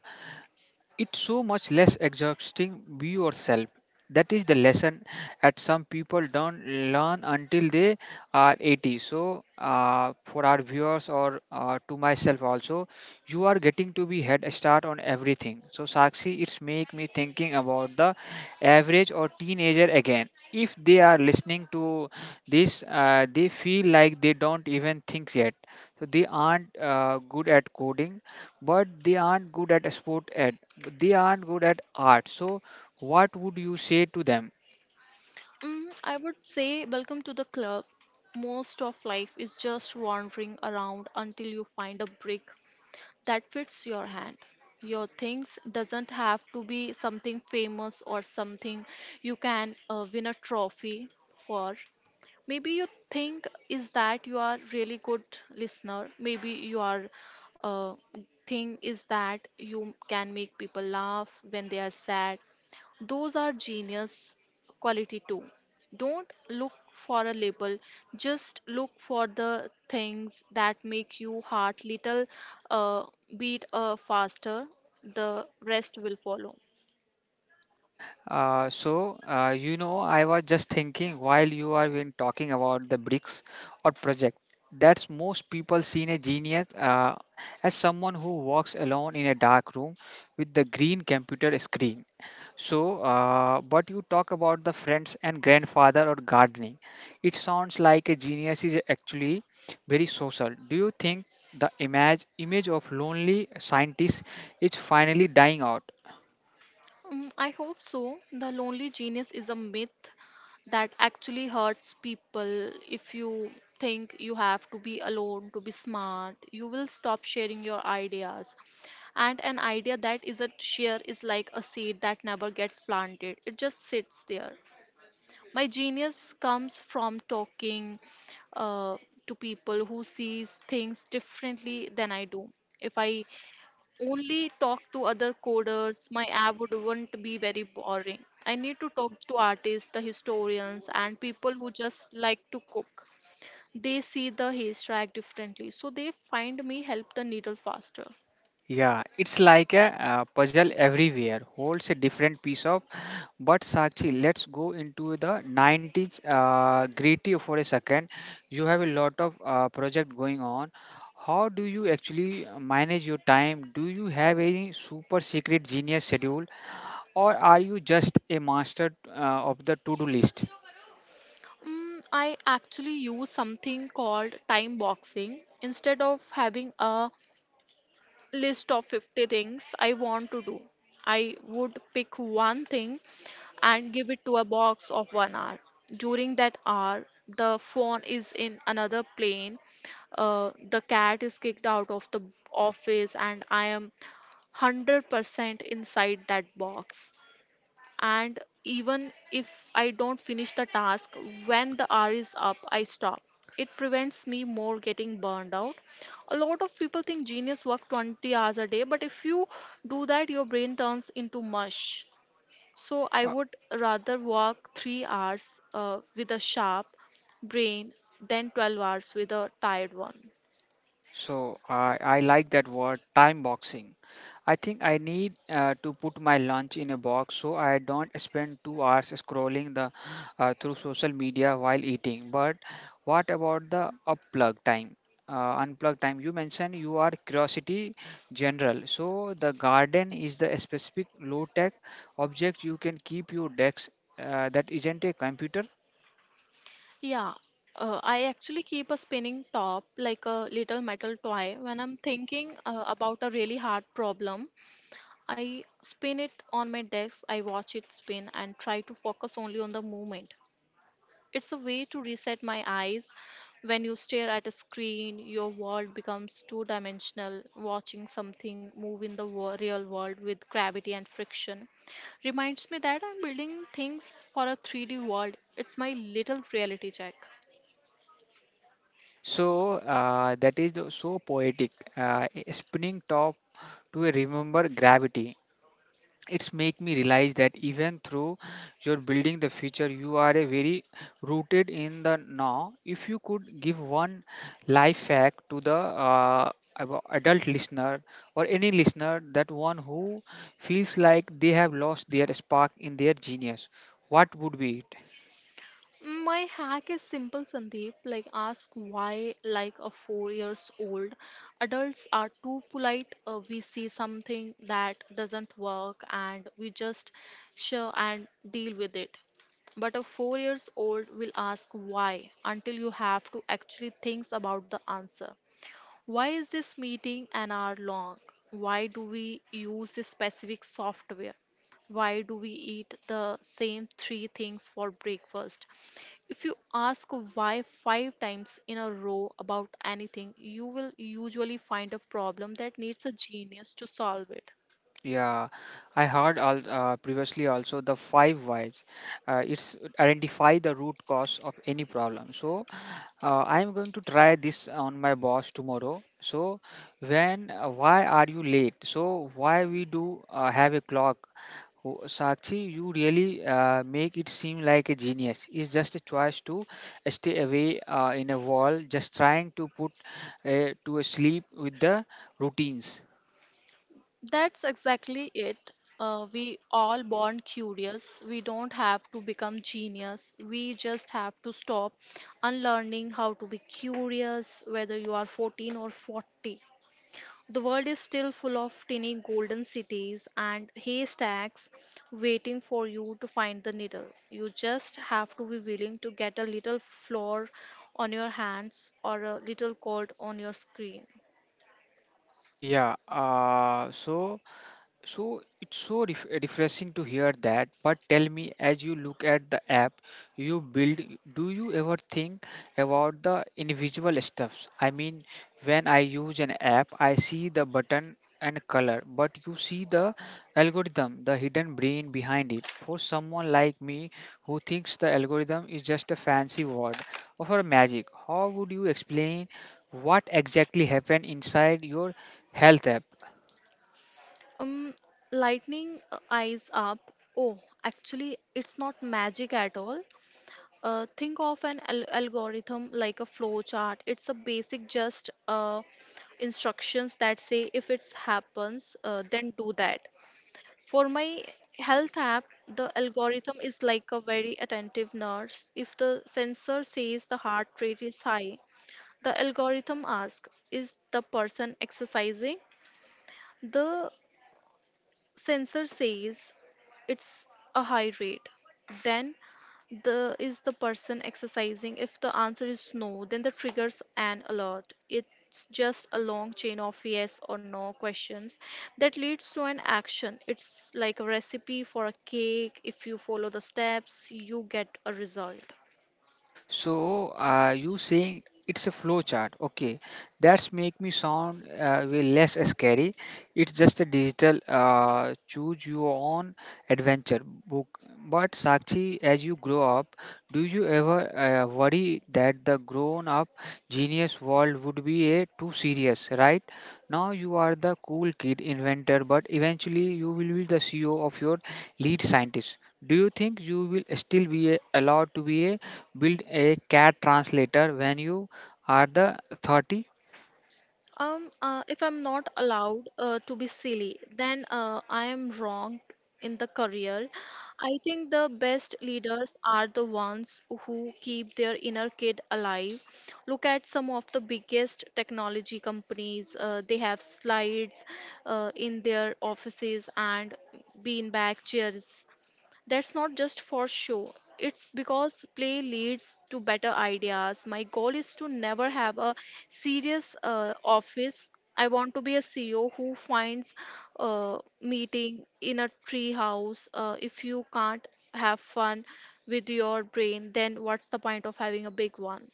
Speaker 1: it's so much less exhausting be yourself. That is the lesson that some people don't learn until they are eighty. So, uh, for our viewers or uh, to myself also, you are getting to be head start on everything. So, Sakshi, it's make me thinking about the average or teenager again. If they are listening to this, uh, they feel like they don't even think yet. So, they aren't uh, good at coding but they aren't good at sport ed. They aren't good at art. So what would you say to them?
Speaker 2: Mm, I would say welcome to the club. Most of life is just wandering around until you find a brick that fits your hand. Your things doesn't have to be something famous or something you can uh, win a trophy for. Maybe you think is that you are really good listener, maybe you are uh, thing is that you can make people laugh when they are sad. Those are genius quality too. Don't look for a label, just look for the things that make you heart little uh, beat uh, faster. The rest will follow.
Speaker 1: Uh, so, uh, you know, I was just thinking while you are been talking about the bricks or project, that's most people seen a genius uh, as someone who walks alone in a dark room with the green computer screen. So, uh, but you talk about the friends and grandfather or gardening. It sounds like a genius is actually very social. Do you think the image image of lonely scientist is finally dying out?
Speaker 2: Mm, I hope so. The lonely genius is a myth that actually hurts people. If you think you have to be alone to be smart, you will stop sharing your ideas. And an idea that isn't shared is like a seed that never gets planted, it just sits there. My genius comes from talking uh, to people who sees things differently than I do. If I only talk to other coders, my app would wouldn't be very boring. I need to talk to artists, the historians, and people who just like to cook. They see the haystack differently, so they find me help the needle faster.
Speaker 1: Yeah, it's like a, uh puzzle everywhere, holds a different piece of. But Sakshi, let's go into the nineties uh, gritty for a second. You have a lot of uh, project going on. How do you actually manage your time? Do you have any super secret genius schedule, or are you just a master uh, of the to-do list?
Speaker 2: Mm, I actually use something called time boxing instead of having a list of fifty things I want to do. I would pick one thing and give it to a box of one hour. During that hour, the phone is in another plane, uh, the cat is kicked out of the office, and I am one hundred percent inside that box and even if I don't finish the task when the hour is up, I stop. It prevents me more getting burned out. A lot of people think genius work twenty hours a day, but if you do that, your brain turns into mush. So I would rather work three hours uh, with a sharp brain than twelve hours with a tired one.
Speaker 1: So I I like that word time boxing. I think I need uh, to put my lunch in a box so I don't spend two hours scrolling the uh, through social media while eating. But what about the unplug time? Uh, unplug time. You mentioned you are curiosity general. So the garden is the specific low tech object you can keep your desk uh, that isn't a computer.
Speaker 2: Yeah, uh, I actually keep a spinning top like a little metal toy when I'm thinking uh, about a really hard problem. I spin it on my desk, I watch it spin and try to focus only on the movement. It's a way to reset my eyes. When you stare at a screen, your world becomes two dimensional. Watching something move in the wo- real world with gravity and friction reminds me that I'm building things for a three D world. It's my little reality check.
Speaker 1: So uh, that is the- so poetic. Uh, a spinning top to a remember gravity. It's make me realize that even through you're building the future, you are a very rooted in the now. If you could give one life hack to the uh, abo- adult listener or any listener, that one who feels like they have lost their spark in their genius, what would be it?
Speaker 2: My hack is simple, Sandeep. Like, ask why, like a four years old. Adults are too polite. Uh, we see something that doesn't work and we just share and deal with it. But a four years old will ask why until you have to actually think about the answer. Why is this meeting an hour long? Why do we use this specific software? Why do we eat the same three things for breakfast? If you ask why five times in a row about anything, you will usually find a problem that needs a genius to solve it.
Speaker 1: Yeah, I heard al uh, previously also the five whys. Uh, it's identify the root cause of any problem. So uh, I'm going to try this on my boss tomorrow. So when uh, why are you late? So why we do uh, have a clock? Oh, Sakshi, you really uh, make it seem like a genius. It's just a choice to stay away uh, in a wall, just trying to put uh, to sleep with the routines.
Speaker 2: That's exactly it. Uh, we all born curious. We don't have to become genius. We just have to stop unlearning how to be curious, whether you are fourteen or forty. The world is still full of tiny golden cities and haystacks waiting for you to find the needle. You just have to be willing to get a little flour on your hands or a little cold on your screen.
Speaker 1: Yeah, uh, so. So it's so ref- refreshing to hear that. But tell me, as you look at the app you build, do you ever think about the individual stuffs? I mean, when I use an app, I see the button and color, but you see the algorithm, the hidden brain behind it. For someone like me who thinks the algorithm is just a fancy word or for magic, how would you explain what exactly happened inside your health app?
Speaker 2: Um, Lightning uh, eyes up. Oh, actually, it's not magic at all. Uh, think of an al- algorithm like a flow chart. It's a basic, just uh, instructions that say if it happens, uh, then do that. For my health app, the algorithm is like a very attentive nurse. If the sensor says the heart rate is high, the algorithm asks, is the person exercising? The sensor says it's a high rate, then the is the person exercising, if the answer is no then the triggers an alert. It's just a long chain of yes or no questions that leads to an action. It's like a recipe for a cake, if you follow the steps you get a result.
Speaker 1: So are you saying it's a flow chart? Okay, that's make me sound uh, way less scary. It's just a digital uh, choose your own adventure book. But Sakshi, as you grow up, do you ever uh, worry that the grown-up genius world would be a too serious? Right now, you are the cool kid inventor, but eventually you will be the C E O of your lead scientist. Do you think you will still be a- allowed to be a build a cat translator when you are the thirty?
Speaker 2: Um, uh, if I'm not allowed uh, to be silly, then uh, I am wrong in the career. I think the best leaders are the ones who keep their inner kid alive. Look at some of the biggest technology companies. Uh, they have slides uh, in their offices and beanbag chairs. That's not just for show. It's because play leads to better ideas. My goal is to never have a serious uh, office. I want to be a C E O who finds a meeting in a tree house. Uh, if you can't have fun with your brain, then what's the point of having a big one?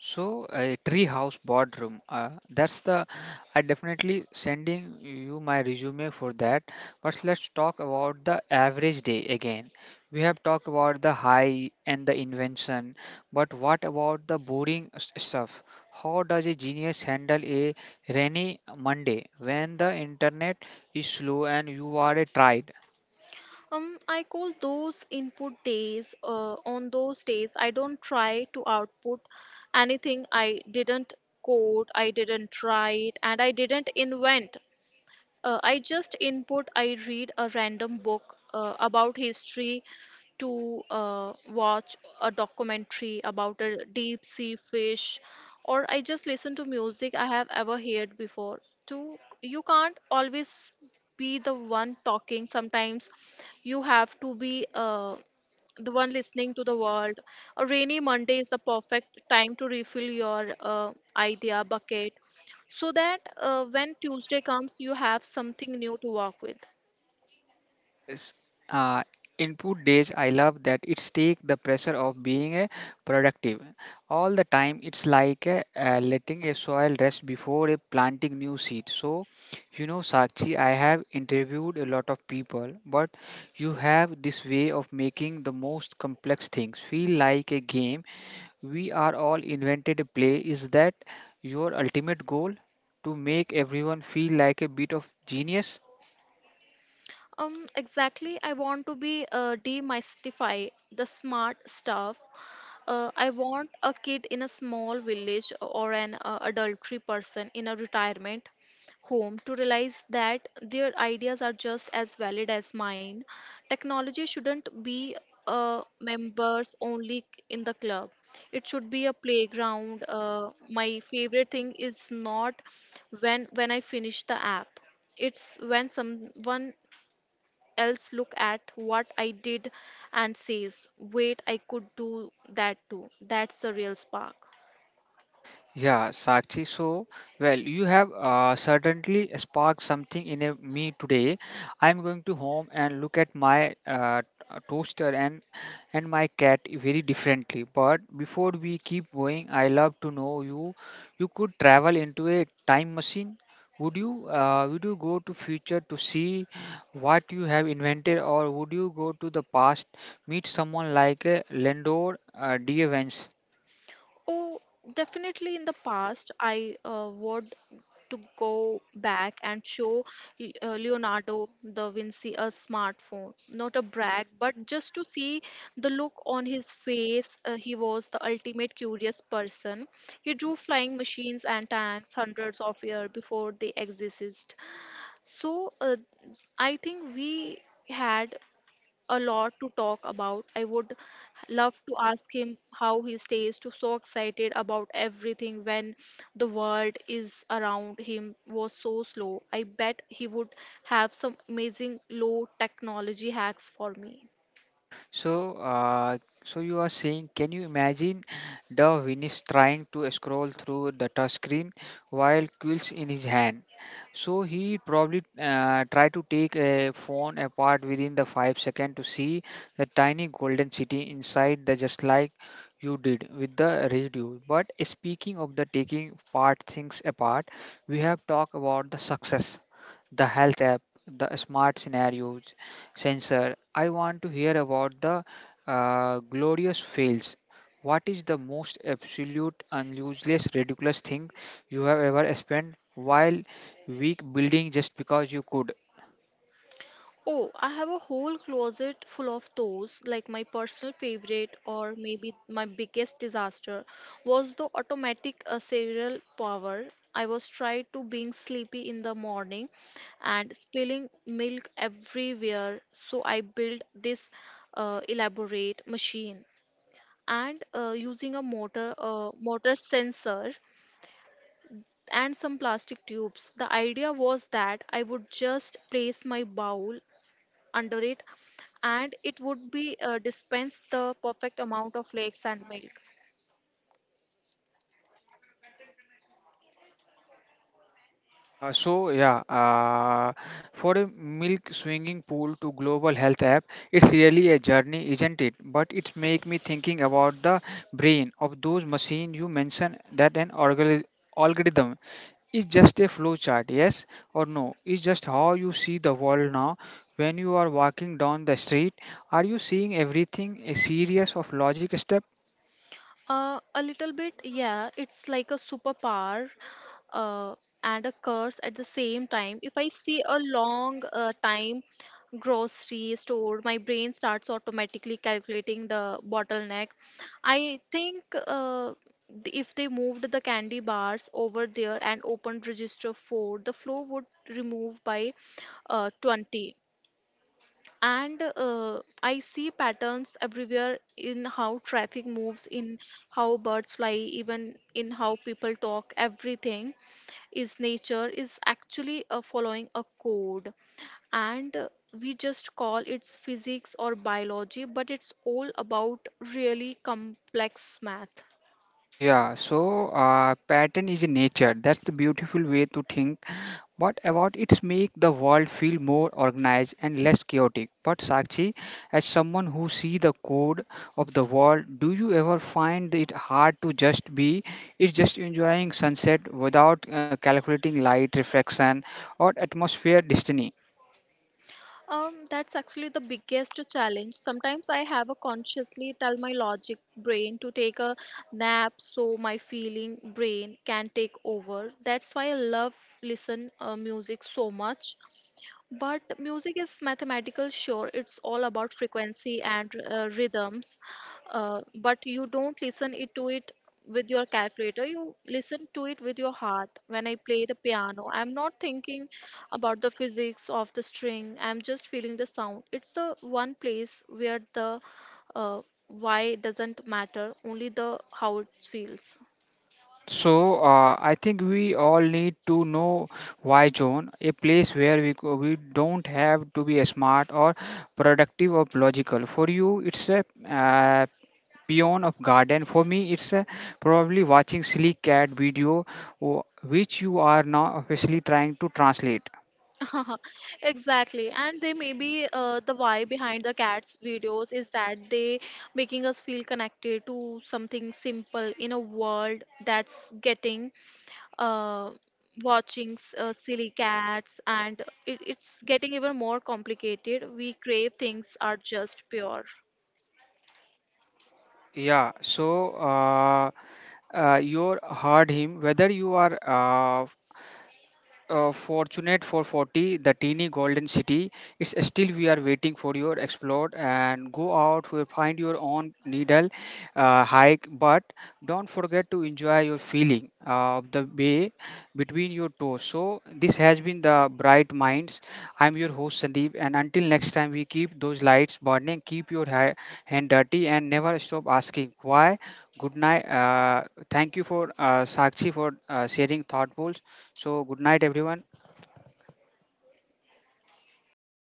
Speaker 1: So a treehouse boardroom, uh, that's the, I definitely sending you my resume for that. But let's talk about the average day again. We have talked about the high and the invention, but what about the boring s- stuff? How does a genius handle a rainy Monday when the internet is slow and you are a tried?
Speaker 2: Um, I call those input days. Uh, on those days, I don't try to output anything. I didn't code, I didn't write, and I didn't invent. Uh, I just input, I read a random book uh, about history to uh, watch a documentary about a deep sea fish, or I just listen to music I have ever heard before. To you can't always be the one talking. Sometimes you have to be uh, the one listening to the world. A rainy Monday is the perfect time to refill your uh, idea bucket so that uh, when Tuesday comes, you have something new to work with.
Speaker 1: Yes. Uh, Input days, I love that it's take the pressure of being a productive all the time. It's like a, uh, letting a soil rest before a planting new seed. So, you know, Sakshi, I have interviewed a lot of people, but you have this way of making the most complex things feel like a game. We are all invented a play. Is that your ultimate goal? To make everyone feel like a bit of genius?
Speaker 2: Um, exactly, I want to be uh, demystify the smart stuff. Uh, I want a kid in a small village or an uh, adultery person in a retirement home to realize that their ideas are just as valid as mine. Technology shouldn't be uh, members only in the club. It should be a playground. Uh, my favorite thing is not when when I finish the app. It's when someone else look at what I did and says, wait, I could do that too. That's the real spark.
Speaker 1: Yeah, Sakshi. So, well, you have uh, certainly sparked something in a, me today. I'm going to home and look at my uh, uh, toaster and and my cat very differently. But before we keep going, I love to know you. You could travel into a time machine. Would you uh, would you go to future to see what you have invented, or would you go to the past, meet someone like uh, Landor uh, D.
Speaker 2: Oh, definitely in the past, I uh, would to go back and show Le- uh, Leonardo da Vinci a smartphone. Not a brag, but just to see the look on his face. Uh, he was the ultimate curious person. He drew flying machines and tanks hundreds of years before they existed. So, uh, I think we had a lot to talk about. I would love to ask him how he stays to so excited about everything when the world is around him was so slow. I bet he would have some amazing low technology hacks for me.
Speaker 1: So, uh, so you are saying, can you imagine the Venus trying to scroll through the touch screen while quills in his hand? So he probably uh, tried to take a phone apart within the five second to see the tiny golden city inside the just like you did with the radio. But speaking of the taking part things apart, we have talked about the success, the health app, the smart scenarios, sensor. I want to hear about the uh, glorious fails. What is the most absolute and useless, ridiculous thing you have ever spent while week building just because you could?
Speaker 2: Oh, I have a whole closet full of those. Like my personal favorite, or maybe my biggest disaster, was the automatic uh, serial power. I was tried to being sleepy in the morning and spilling milk everywhere. So I built this uh, elaborate machine and uh, using a motor uh, motor sensor and some plastic tubes. The idea was that I would just place my bowl under it, and it would be uh, dispense the perfect amount of flakes and milk.
Speaker 1: Uh, so yeah, uh, for a milk swinging pool to global health app, it's really a journey, isn't it? But it's make me thinking about the brain of those machine you mentioned that an organ algorithm is just a flow chart, yes or no. Is just how you see the world now. When you are walking down the street, are you seeing everything a series of logic step?
Speaker 2: Uh, a little bit, yeah. It's like a superpower uh, and a curse at the same time. If I see a long uh, time grocery store, my brain starts automatically calculating the bottleneck. I think uh, th- if they moved the candy bars over there and opened register four, the flow would remove by uh, twenty. And uh, I see patterns everywhere in how traffic moves, in how birds fly, even in how people talk. Everything is nature is actually uh, following a code, and uh, we just call it's physics or biology, but it's all about really complex math.
Speaker 1: Yeah, so uh, pattern is in nature. That's the beautiful way to think. What about it's make the world feel more organized and less chaotic? But Sakshi, as someone who see the code of the world, do you ever find it hard to just be? It's just enjoying sunset without uh, calculating light reflection or atmosphere destiny.
Speaker 2: Um, that's actually the biggest challenge. Sometimes I have a consciously tell my logic brain to take a nap so my feeling brain can take over. That's why I love listen uh, music so much. But music is mathematical, sure, it's all about frequency and uh, rhythms. Uh, but you don't listen it to it with your calculator, you listen to it with your heart. When I play the piano, I'm not thinking about the physics of the string, I'm just feeling the sound. It's the one place where the uh, why doesn't matter, only the how it feels.
Speaker 1: So uh, I think we all need to know why zone, a place where we go- we don't have to be smart or productive or logical. For you, it's a, uh, beyond of garden. For me it's uh, probably watching silly cat video, wh- which you are now officially trying to translate.
Speaker 2: Exactly, and they may be uh, the why behind the cats videos is that they making us feel connected to something simple in a world that's getting uh, watching s- uh, silly cats, and it, it's getting even more complicated. We crave things are just pure.
Speaker 1: Uh, yeah so uh, uh, you heard him, whether you are uh, uh, fortunate for forty, the teeny golden city, it's still we are waiting for your explore and go out for find your own needle, uh, hike, but don't forget to enjoy your feeling of the bay between your toes. So this has been The Bright Minds. I'm your host Sandeep, and until next time, we keep those lights burning, keep your ha- hand dirty, and never stop asking why. Good night. Uh, thank you for uh, Sakshi for uh, sharing thoughtful. So, good night, everyone.